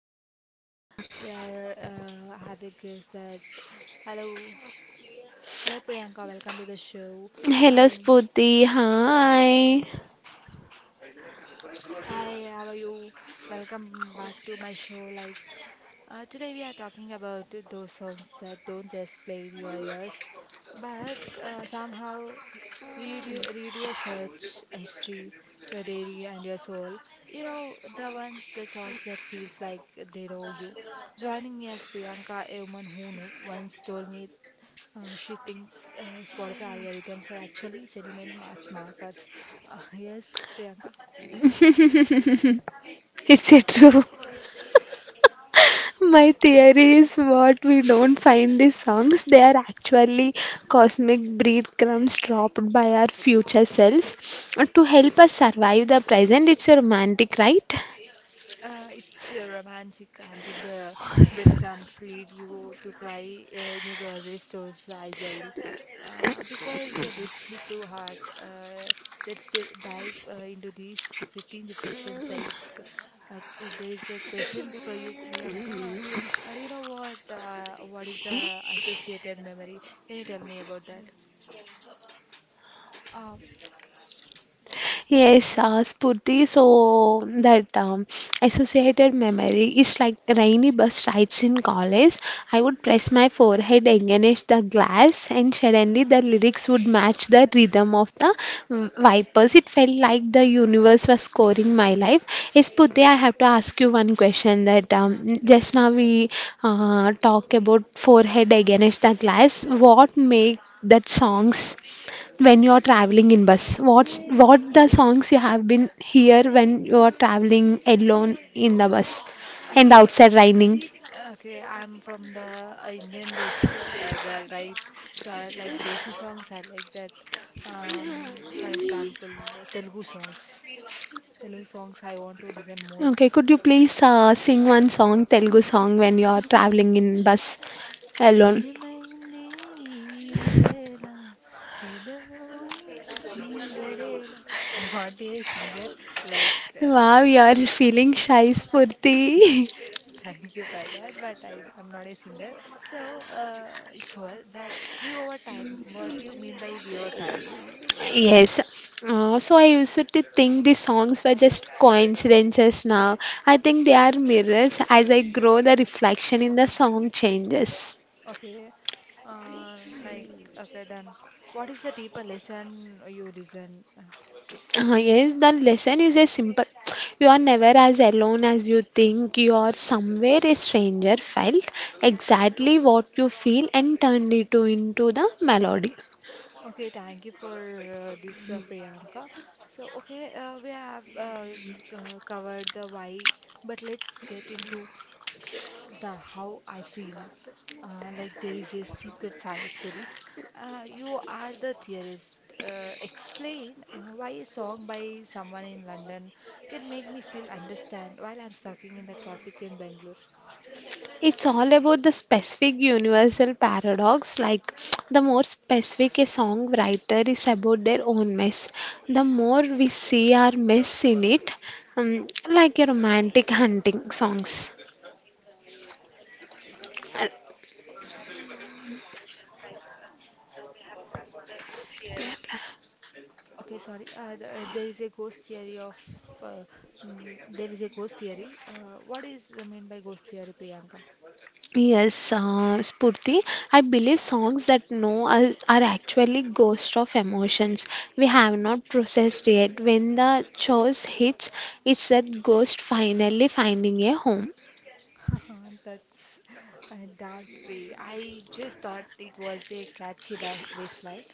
Like, hi, we are having guest that. Hello, hello Priyanka. Welcome to the show. Hello And Spooty, hi. hi, how are you? Welcome back to my show. Like today, we are talking about those songs that don't just play in your ears, but somehow read your search history, your diary, and your soul. You know the ones, the songs that feels like they know you. Joining me as Priyanka, a woman who once told me, she thinks Spotify algorithms are actually sediment march markers. Yes, Priyanka. Is it true? My theory is what we don't find these songs, they are actually cosmic breadcrumbs dropped by our future selves to help us survive the present. It's romantic, right? It's romantic until the breadcrumbs lead you to cry in a grocery store's aisle because a bridge hit too hard. Let's dive into these 15 reflections. Uh, there is a questions for you, Priyanka. Do you know what is the associated memory? Can you tell me about that? Um, Yes, Spurti, so that associated memory is like rainy bus rides in college. I would press my forehead against the glass, and suddenly the lyrics would match the rhythm of the wipers. It felt like the universe was scoring my life. Yes, Spurti, I have to ask you one question that just now we talk about forehead against the glass. What make that songs? When you're traveling in bus what the songs you have been hear when you're traveling alone in the bus and okay, outside raining? Okay, I'm from the Indian-based girl, right? So I like Desi songs. I like that. For example, the Telugu songs. Telugu songs. I want to listen more. Okay, could you please sing one song, Telugu song, when you're traveling in bus alone? ఏమైంది ఈవేళ ఎదలో సుందరేల. I'm not a singer, like. Wow, you're feeling shy, Spurti. Thank you for that, but I'm not a singer, so it's over that we over time. What do you mean by we over time? Yes, so I used to think these songs were just coincidences. Now I think they are mirrors. As I grow, the reflection in the song changes. Okay, uh, like, okay, done. What is the deeper lesson you listen? Yes, the lesson is a simple. You are never as alone as you think. You are somewhere a stranger felt exactly what you feel and turned it into the melody. Okay, thank you for this, Priyanka. So, okay, we have covered the why, but let's get into the how I feel. Like there is a secret science to this. You are the theorist. Explain why a song by someone in London can make me feel understand while I'm stuck in the traffic in Bangalore. It's all about the specific universal paradox. Like the more specific a songwriter is about their own mess, the more we see our mess in it, like a romantic hunting songs. Okay, sorry. There is a ghost theory of uh, there is a ghost theory. What is the mean by ghost theory, Priyanka? Yes, Spurti, I believe songs that know us are actually ghosts of emotions we have not processed yet. When the chorus hits, it's that ghost finally finding a home. That's a dark pre. I just thought it was a catchy ba bass line.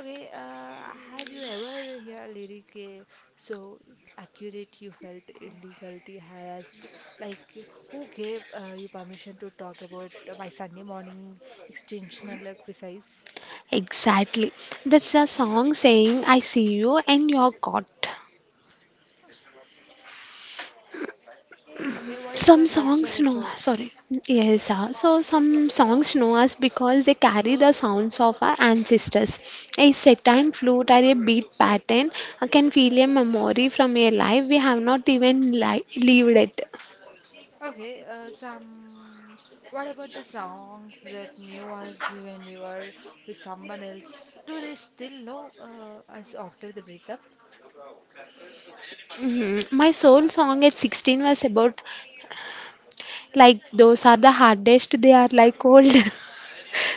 Okay, have you ever heard lyric so accurate you felt illegally harassed? Like who gave you permission to talk about my Sunday morning extensional criticize? Exactly. That's a song saying, I see you and you're caught. Okay, what is Some the cultural songs know, sorry, ethos? yes, so some songs know us because they carry the sounds of our ancestors. A time flute or a beat pattern can feel a memory from a life we have not even lived it. Okay, some. What about the songs that knew us when we were with someone else? Do they still know us after the breakup? Mhm. My soul song at 16 was about, like, those are the hardest, they are like old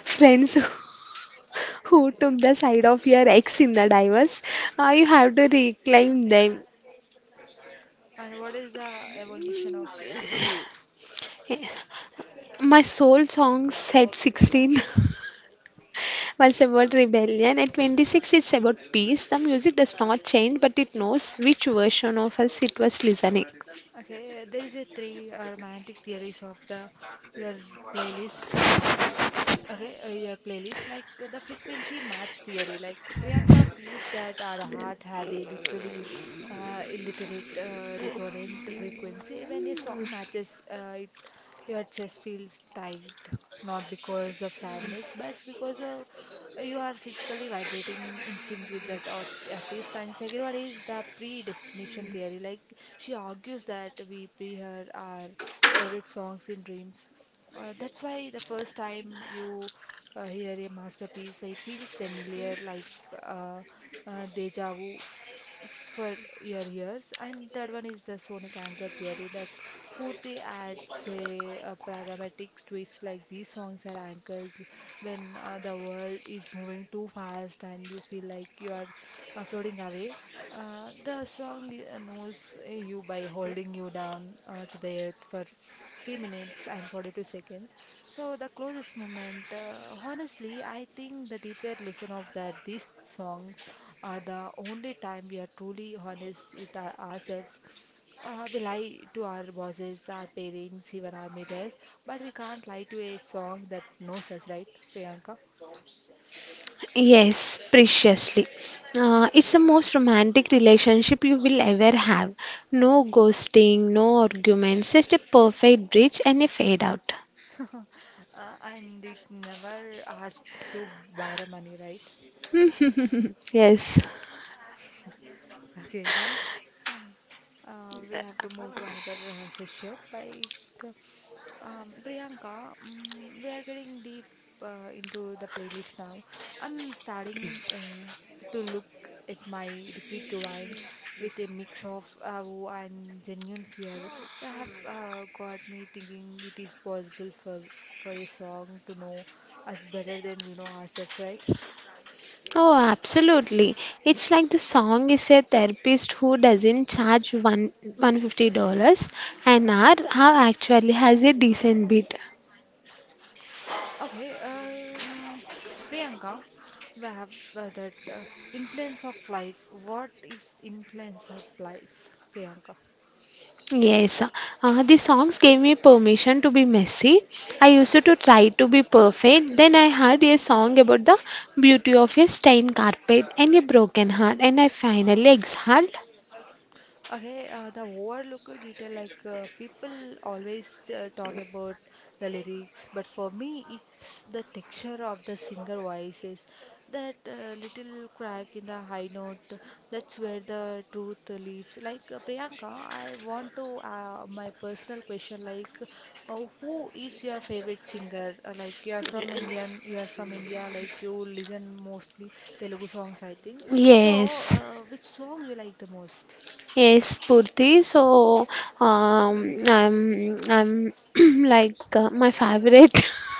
friends who took the side of your ex in the divorce. You have to reclaim them. And what is the evolution of you? My soul song said 16 was about rebellion. At 26, it's about peace. The music does not change, but it knows which version of us it was listening. Okay, there is a three romantic theories of the your playlist. Okay, your playlist like the frequency match theory. Like Priyanka believes that our heart have a literally illiterate resonant frequency. When a song matches it, your chest feels tight, not because of sadness, but because of you are physically vibrating in sync with that artist. And second one is the predestination theory. Like she argues that we pre her our favorite songs in dreams, that's why the first time you hear a masterpiece, it feels familiar, like uh, deja vu for your years. And third one is the sonic anger theory. That Purti adds a pragmatic twist like these songs are anchors when the world is moving too fast and you feel like you are floating away. The song knows you by holding you down to the earth for 3 minutes and 42 seconds. So, the closest moment, honestly, I think the deeper listen of that, these songs are the only time we are truly honest with ourselves. We lie to our bosses, our parents, even our mirrors, but we can't lie to a song that knows us, right, Priyanka? Yes, preciously. It's the most romantic relationship you will ever have. No ghosting, no arguments, just a perfect bridge and a fade out. And it never asks to borrow money, right? Yes. Okay, then we have to move to another session. Priyanka, mm, we are getting deep into the playlist now. I'm starting to look at my repeat rewind with a mix of awe and genuine fear. You have got me thinking it is possible for a song to know us better than we know ourselves, right? Oh, absolutely. It's like the song is a therapist who doesn't charge one $150 an hour, who actually has a decent beat. Okay, Priyanka, we have that influence of life. What is influence of life, Priyanka? Yes, the songs gave me permission to be messy. I used to try to be perfect. Then I heard a song about the beauty of a stained carpet and a broken heart, and I finally exhaled. Okay, the overlooked detail like people always talk about the lyrics, but for me, it's the texture of the singer voices. That little crack in the high note, that's where the truth lives. Like Priyanka, I want to my personal question like, who is your favorite singer? Like you are from Indian, you are from India, like you listen mostly Telugu songs, I think. So, Yes. Which song you like the most? Yes, Purti. So, I'm like my favorite.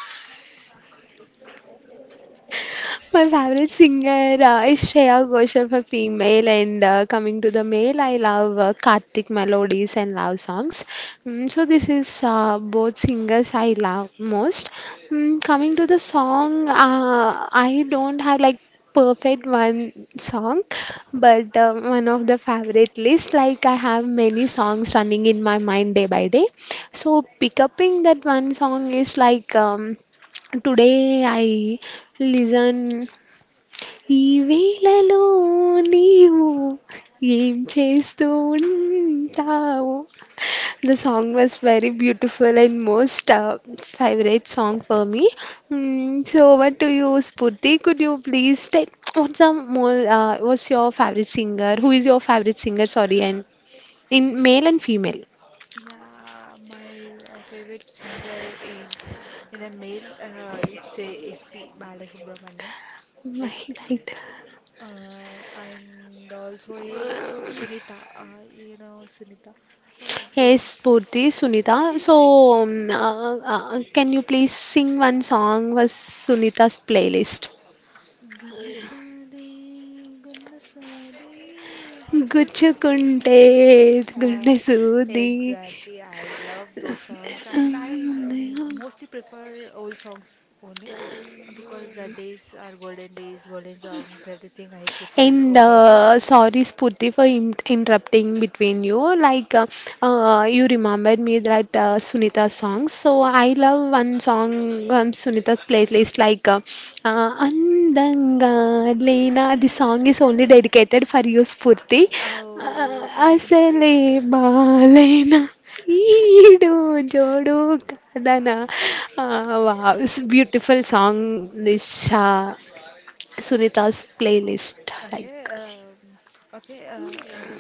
My favorite singer is Shreya Ghoshal for female, and coming to the male, I love Karthik melodies and love songs. Mm, so this is both singers I love most. Mm, coming to the song, I don't have like perfect one song, but one of the favorite list. Like I have many songs running in my mind day by day. So pick upping that one song is like today I listen ఈ వేళలో నీవు ఏం చేస్తూ ఉంటావు? The song was very beautiful and most favorite song for me. Mm, so what do you, Spurti. Could you please tell what's the more, what's your favorite singer? Who is your favorite singer? Sorry, and in male and female. Yeah, my favorite singer is in a male. It's a S. P. SP Balasubramaniam, like, Right, right. And also a Sunita. You know Sunita. So Yes, those, Purti, Sunita. So, can you please sing one song was Sunita's playlist? గున్నసాదే గున్నసాదే గుచ్చుకుంటే గుచ్చుకుంటే uh, గుండె సూది. exactly, I love those songs and I mostly prefer old songs only because the days are golden days, golden songs, everything I prefer And old only. Sorry, Spurti, for in interrupting between you. Like, you remembered me that Sunita song. So I love one song Sunita playlist. Like, Andanga Lena. The Mm, song is only yes. dedicated for you, Spurti. Oh, thank you. Asale Balena. ఈడు జోడు కాదనా wow, beautiful song. Disha Sunita's playlist. Like, Okay, okay, uh, um,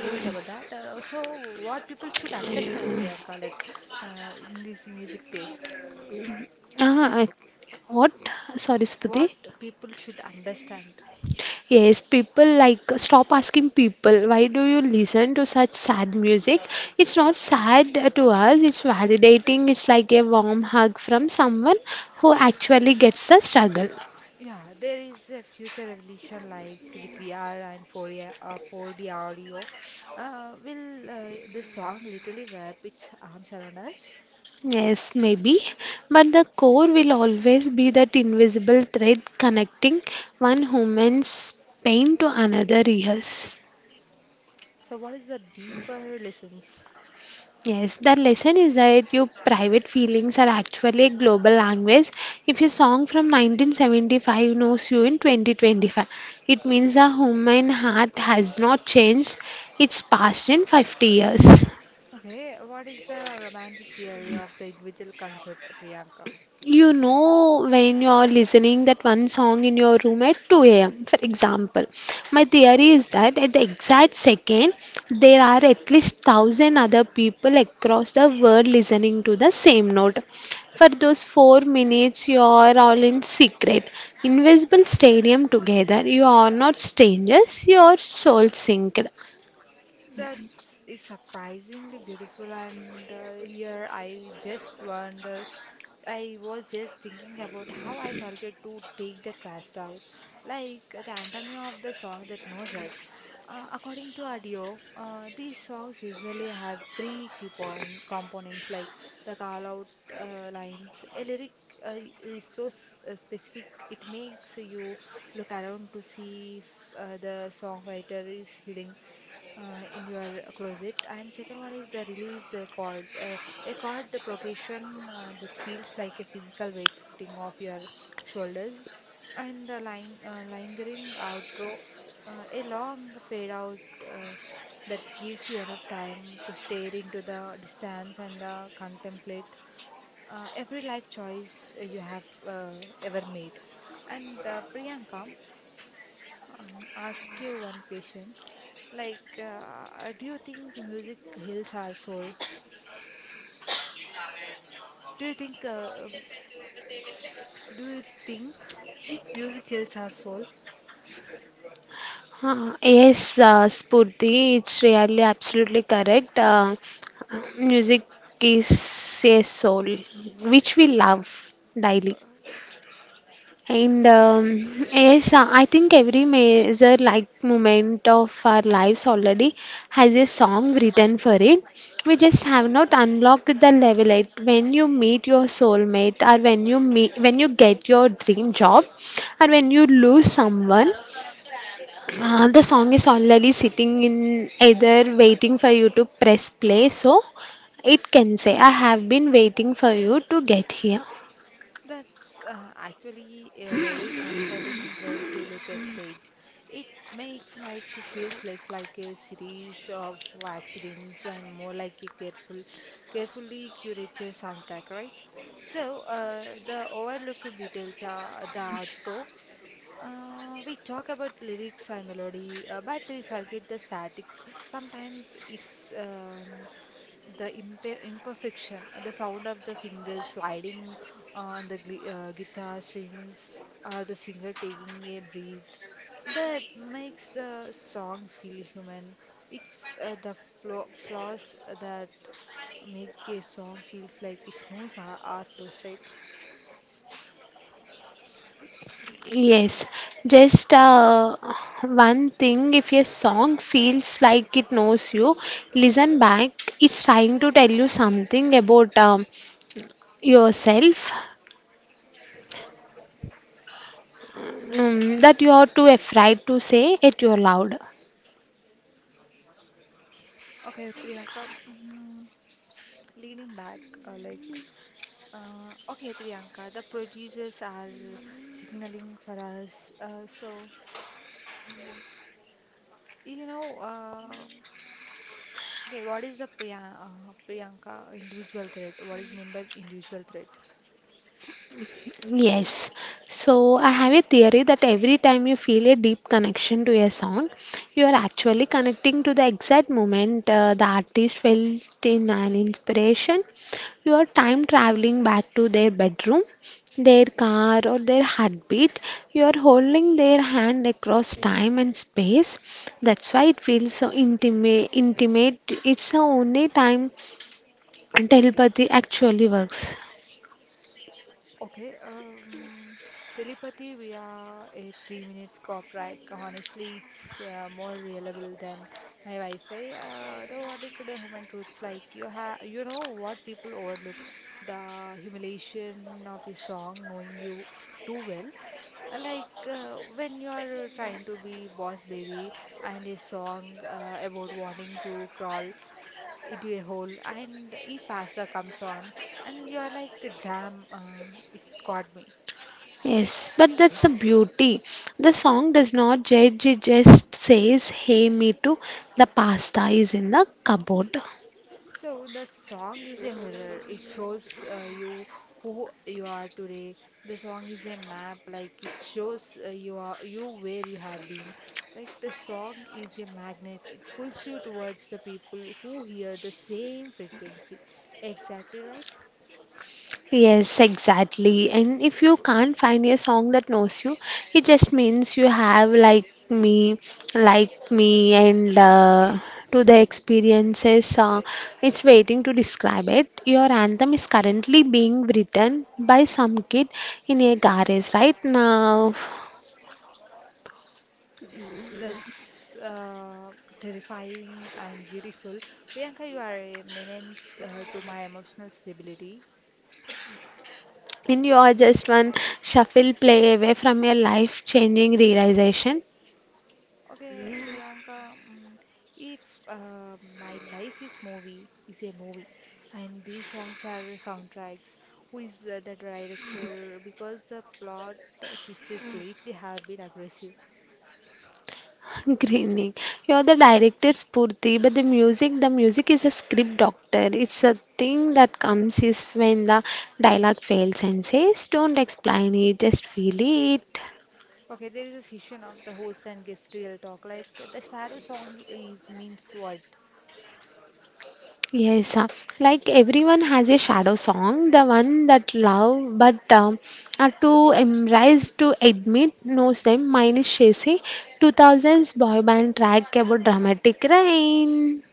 leave it about that. So, what people should understand, Priyanka, like in this music taste, ah, what? Sorry, Sputi. what people should understand. Yes, people like stop asking people, why do you listen to such sad music? It's not sad to us. It's validating. It's like a warm hug from someone who actually gets the struggle. Yeah, there is a future evolution like with VR and 4D audio. Will this song literally wrap its arms around us? Yes, maybe, but the core will always be that invisible thread connecting one human's pain to another years. So, what is the deeper lessons? Yes, the lesson is that your private feelings are actually a global language. If a song from 1975 knows you in 2025, it means the human heart has not changed its passed in 50 years. Okay, what is the romantic theory of the individual concert, Priyanka? You know, when you're listening that one song in your room at 2 a.m., for example, my theory is that at the exact second, there are at least 1,000 other people across the world listening to the same note. For those 4 minutes, you are all in secret, invisible stadium together. You are not strangers, you are soul synced. That is surprisingly beautiful, and here I just wonder. I was just thinking about how I forget to take the trash out, like the anatomy of the song that knows us. According to Adio, these songs usually have three key point components like the call out lines. A lyric uh, is so specific, it makes you look around to see if the songwriter is hiding in your closet, and second one is the release chord, a chord progression that feels like a physical weightlifting of your shoulders, and the line, lingering outro, a long fade out uh, that gives you enough time to stare into the distance and contemplate every life choice you have ever made. And Priyanka, uh, ask you one question. Like, do you think music heals our soul? Do you think, uh, um, do you think music heals our soul? Yes, Spurti, it's really absolutely correct. Music is a soul which we love Uh, daily. And yes, I think every major like moment of our lives already has a song written for it. We just have not unlocked the level yet. When you meet your soulmate, or when you meet, when you get your dream job, or when you lose someone, the song is already sitting in either waiting for you to press play, so it can say, I have been waiting for you to get here. that's actually a very comforting way to look at fate. It makes like feels less like a series of accidents and more like a carefully curated soundtrack, right? So the overlooked details are the outro. We talk about lyrics and melody, but we forget the static. Sometimes it's the imperfection, the sound of the fingers sliding on the guitar strings, or the singer taking a breath that makes the song feel human. It's the flaws that make a song feels like it knows our flows, right? Yes, just one thing, if your song feels like it knows you, listen back. It's trying to tell you something about yourself that you are too afraid to say it out loud. Okay, Priyanka. Mm, leaning back, uh, like, okay, Priyanka, the producers are signaling for us. So, you know, okay, what is the Priyanka individual threat? What is meant by individual threat? Yes. So I have a theory that every time you feel a deep connection to a song, you are actually connecting to the exact moment the artist felt in an inspiration. You are time traveling back to their bedroom, their car, or their heartbeat. You are holding their hand across time and space. That's why it feels so intimate. Intimate. It's the only time telepathy actually works. Okay, telepathy via a 3 minutes pop ride. Honestly, it's more reliable than my Wi-Fi. Though what it could Human truths like you have, you know what people overlook: the humiliation of a song knowing you too well. Like when you are trying to be boss baby and a song about wanting to crawl into a hole and e pasta comes on and you are like damn, it got me. Yes, but that's the beauty. The song does not judge, it just says, Hey, me too, the pasta is in the cupboard. So the song is a mirror, it shows you who you are today. The song is a map, like it shows you are you where you have been. Like the song is a magnet, it pulls you towards the people who hear the same frequency, exactly, right? Yes, exactly. And if you can't find a song that knows you, it just means you have like me, and to the experiences. It's waiting to describe it. Your anthem is currently being written by some kid in a garage right now. That's terrifying and beautiful. Priyanka, you are a menace to my emotional stability. And you are just one shuffle play away from your life changing realization. Okay, Priyanka, mm, if my life is movie, is a movie, and these songs are soundtracks, who is the director? Because the plot twists lately have been aggressive. Grinning. You're the director, Spurti, but the music is a script doctor. It's a thing that comes is when the dialogue fails and says, Don't explain it, just feel it. Okay, there is a session of the host and guest real talk. Like the shadow song is means what? Yes, like everyone has a shadow song, the one that love but are to embrace to admit knows them. Mine is Shesi, 2000s boy band track about dramatic rain.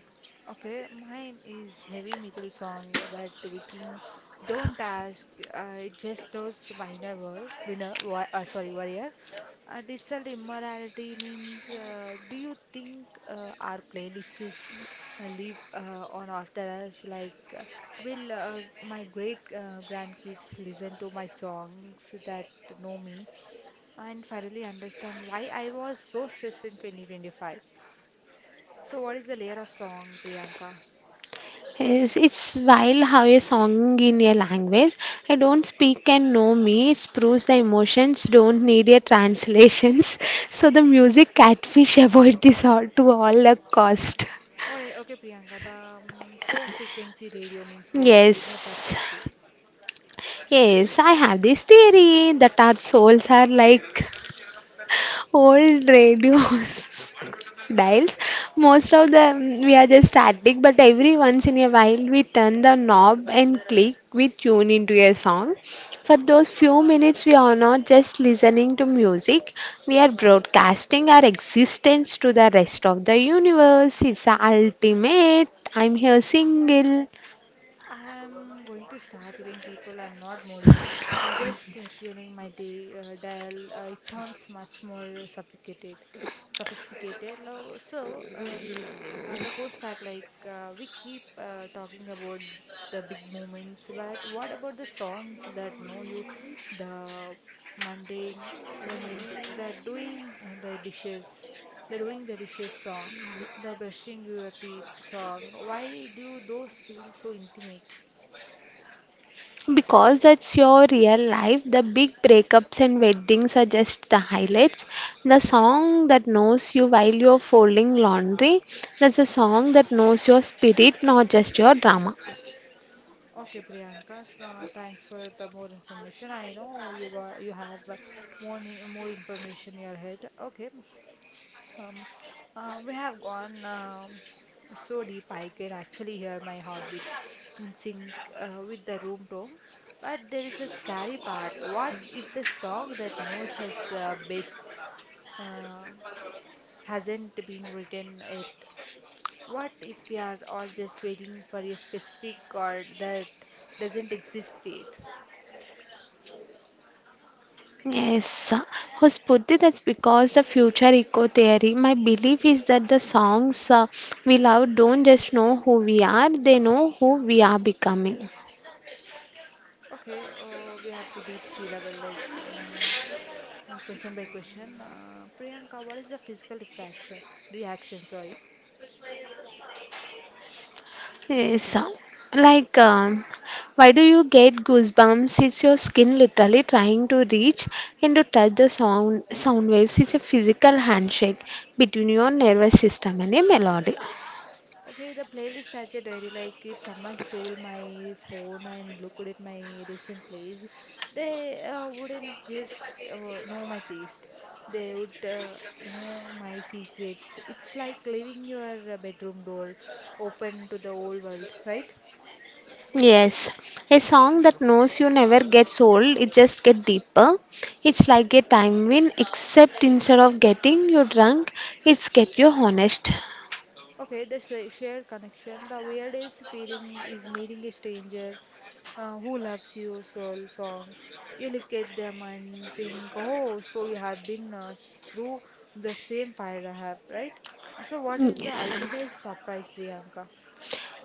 Okay, mine is heavy metal song, but Viking, don't ask. It just those minor word, sorry, warrior. Digital immorality means. Do you think our playlist is live on after us? Like, will my great grandkids listen to my songs that know me and finally understand why I was so stressed in 2025? So, what is the layer of song, Priyanka? Yes, it's wild how a song in a language. I don't speak and know me. It proves the emotions don't need a translations. So the music catfish avoid this all to all a cost. All right, okay, Priyanka. The soul frequency radio means what in your Yes. perspective? Yes, I have this theory that our souls are like old radios dials. Most of them we are just static, but every once in a while we turn the knob and click, we tune into a song. For those few minutes, we are not just listening to music, we are broadcasting our existence to the rest of the universe. It's ultimate. I'm here single. I'm going to start telling people I'm not moody. I'm just tuning my day dial. It sounds much more sophisticated. The core stack, like we keep talking about the big moments, but what about the songs that know you, the mundane moments, the doing the dishes, the doing the dishes song, the brushing your teeth song? Why do those feel so intimate? Because that's your real life, the big breakups and weddings are just the highlights. The song that knows you while you're folding laundry, that's a song that knows your spirit, not just your drama. Okay, Priyanka, thanks for the more information. I know you have more information in your head. Okay. Um, we have gone so deep I can actually hear my heartbeat in sync with the room tone. But there is a scary part. What if the song that knows us best uh, hasn't been written yet? What if we are all just waiting for a specific chord that doesn't exist yet? Yes, oh, Spurti, that's because the future eco theory. My belief is that the songs we love don't just know who we are, they know who we are becoming. Okay, we have to deep sea level like. Question by question. Priyanka, what is the physical refraction reaction? Sorry. Yes, like um, why do you get goosebumps? It's your skin literally trying to reach and to touch the sound waves. It's a physical handshake between your nervous system and a melody. Okay, the playlist has a diary. Like if someone stole my phone and looked at my recent plays, they wouldn't just uh, know my taste. They would know my secrets. It's like leaving your bedroom door open to the whole world, right? Yes, a song that knows you never gets old. It just gets deeper. It's like a time win, except instead of getting you drunk, it's get you honest. Okay, this shared connection. The weirdest feeling is meeting a stranger who loves your soul song. You look at them and think, oh, so you have been through the same fire I have, right? So, what is the ultimate surprise, Priyanka?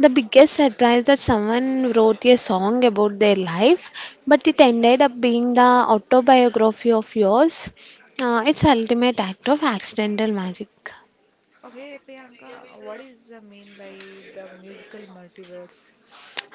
The biggest surprise that someone wrote a song about their life, but it ended up being the autobiography of yours. It's ultimate act of accidental magic. Okay, Priyanka, what is the mean by the musical multiverse?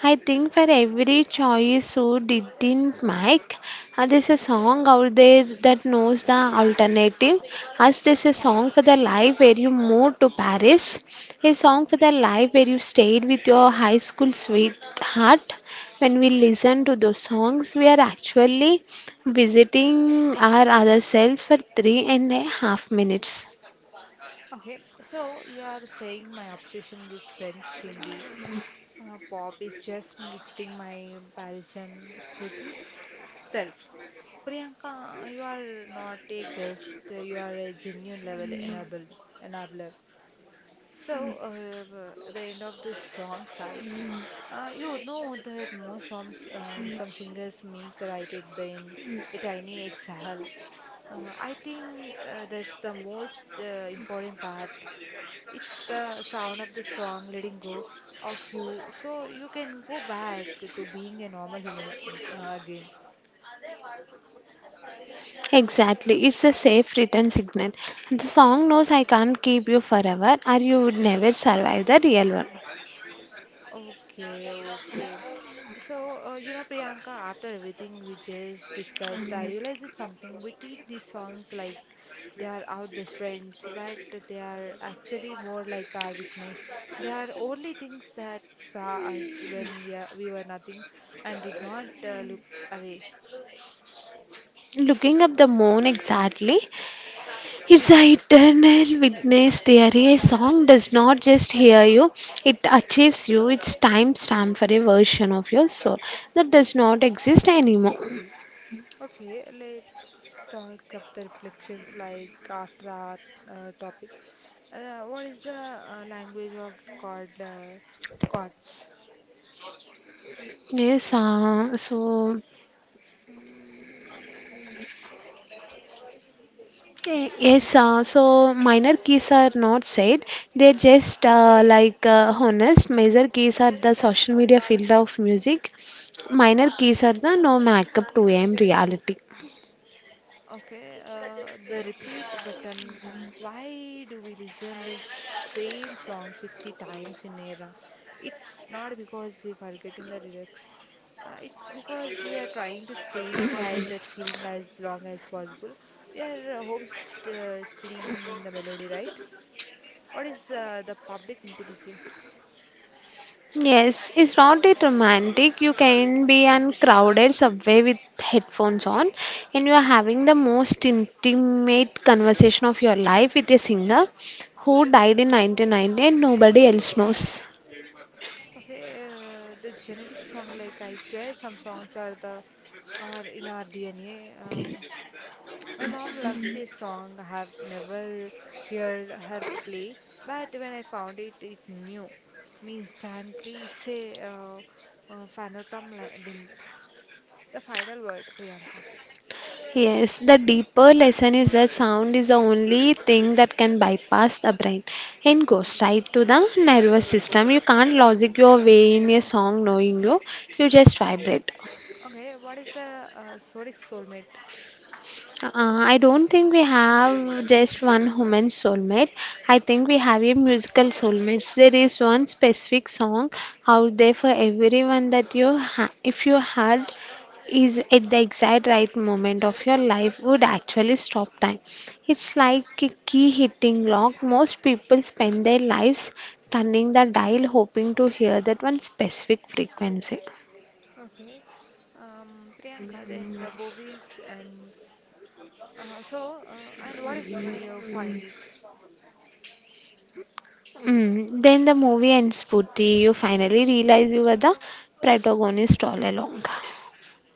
I think for every choice who didn't make, there's a song out there that knows the alternative. As there's a song for the life where you moved to Paris, a song for the life where you stayed with your high school sweetheart. When we listen to those songs, we are actually visiting our other selves for three and a half minutes. Okay, so you are saying my obsession with French indie pop is just me visiting my Parisian Spooty self. Priyanka, you are not a guest, you are a genuine level enabler. So, at the end of this song side, you would know that most songs, some singers make right at the end a tiny exhale. I think that's the most important part. It's the sound of the song letting go of you, so you can go back to being a normal human again. Exactly, it's a safe return signal. The song knows I can't keep you forever or you would never survive the real world. Okay, okay. So, Priyanka, after everything we just discussed, I realized it's something. We treat these songs like they are our best friends, but they are actually more like our witness. They are only things that saw us we were nothing and did not look away. Looking up the moon exactly, it's an eternal witness theory. A song does not just hear you, it achieves you. It's time stamp for a version of your soul that does not exist anymore. Okay, let's talk up the reflections like after our topic. What is the language of God, gods? Yes, yes, so minor keys are not said. They're just like honest. Major keys are the social media field of music. Minor keys are the no makeup 2 a.m. reality. Okay, the repeat button. Why do we listen the same song 50 times in a row? It's not because we're forgetting the lyrics. It's because we are trying to stay inside that feeling as long as possible. We are home st staying in the melody, right? What is the public intimacy? Yes, it's not that romantic. You can be on crowded subway with headphones on, and you are having the most intimate conversation of your life with a singer who died in 1990 and nobody else knows. Okay, the genetic song, like I swear some songs are the are in our DNA. My mom loves a song I have never heard her play, but when I found it, it new me instantly. It's a limp. The final word, Priyanka. Yes, the deeper lesson is that sound is the only thing that can bypass the brain and goes right to the nervous system. You can't logic your way in a song knowing you, you just vibrate. Okay, what is the Soric soulmate? Uh, I don't think we have just one human soulmate. I think we have a musical soulmate. There is one specific song out there for everyone that if you heard, is at the exact right moment of your life, would actually stop time. It's like a key hitting lock. Most people spend their lives turning the dial hoping to hear that one specific frequency. Okay, Priyanka, then the bovies and and what if you find it? Mm. Then the movie ends, Purti. You finally realize you were the protagonist all along.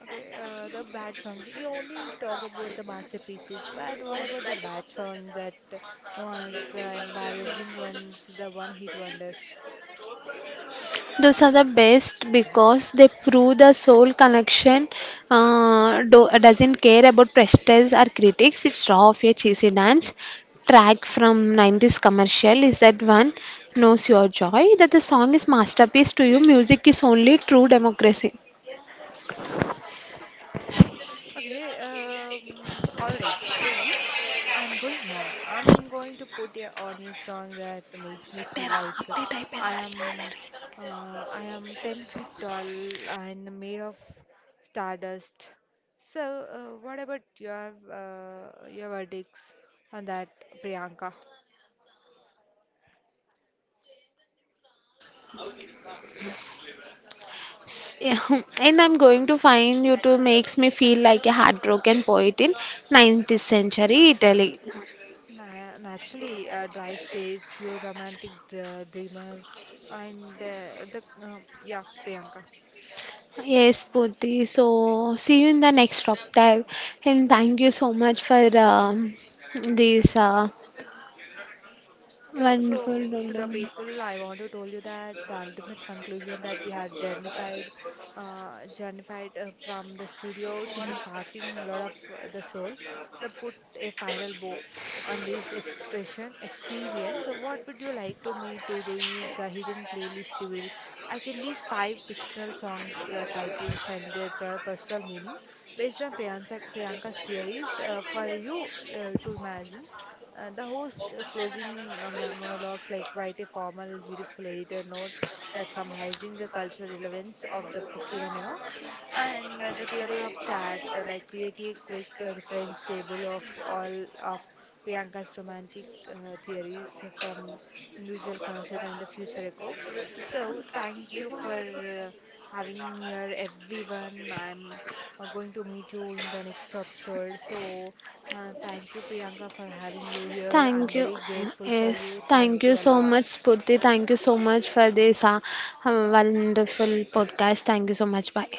Okay, the bad songs. We only talk about the masterpieces, but what about the bad songs that know as the embarrassing ones, the one hit wonders? Those are the best because they prove the soul connection doesn't care about prestige or critics. It's raw of a cheesy dance. Track from 90s commercial is that one knows your joy that the song is masterpiece to you. Music is only true democracy. Okay, all right, Pri. I'm going home. I'm going to put a, on a song that makes me feel like I am, I am 10 feet tall and made of stardust. So, what about your verdicts on that, Priyanka? Yeah, and I'm going to find you to makes me feel like a heartbroken poet in 19th century Italy. Na Naturally, drive saves you, romantic dr dreamer, and the yeah, Priyanka. Yes, Purti. So see you in the next top dive, and thank you so much for this So, wonderful so to the rundown. people, I want to tell you that the ultimate conclusion that we have journeyed from the studio to the parking lot of the soul, they put a final bow on this expression experience. So, what would you like to me to do is the hidden playlist you will. I can list five fictional songs titles and their personal meaning based on Priyanka's theories for you to imagine. The host closing monologues like write a formal, beautiful editor note that summarizing the cultural relevance of the phenomena. And the theory of chat, like create a quick reference table of all of Priyanka's romantic theories from individual concert and the future echo. So thank you for having here everyone. I'm going to meet you in the next episode. So thank you Priyanka for having you here. I'm Thank you. very grateful for Yes, you. thank Thank you you a so lot. much, Purti. Thank you so much for this wonderful podcast. Thank you so much. Bye.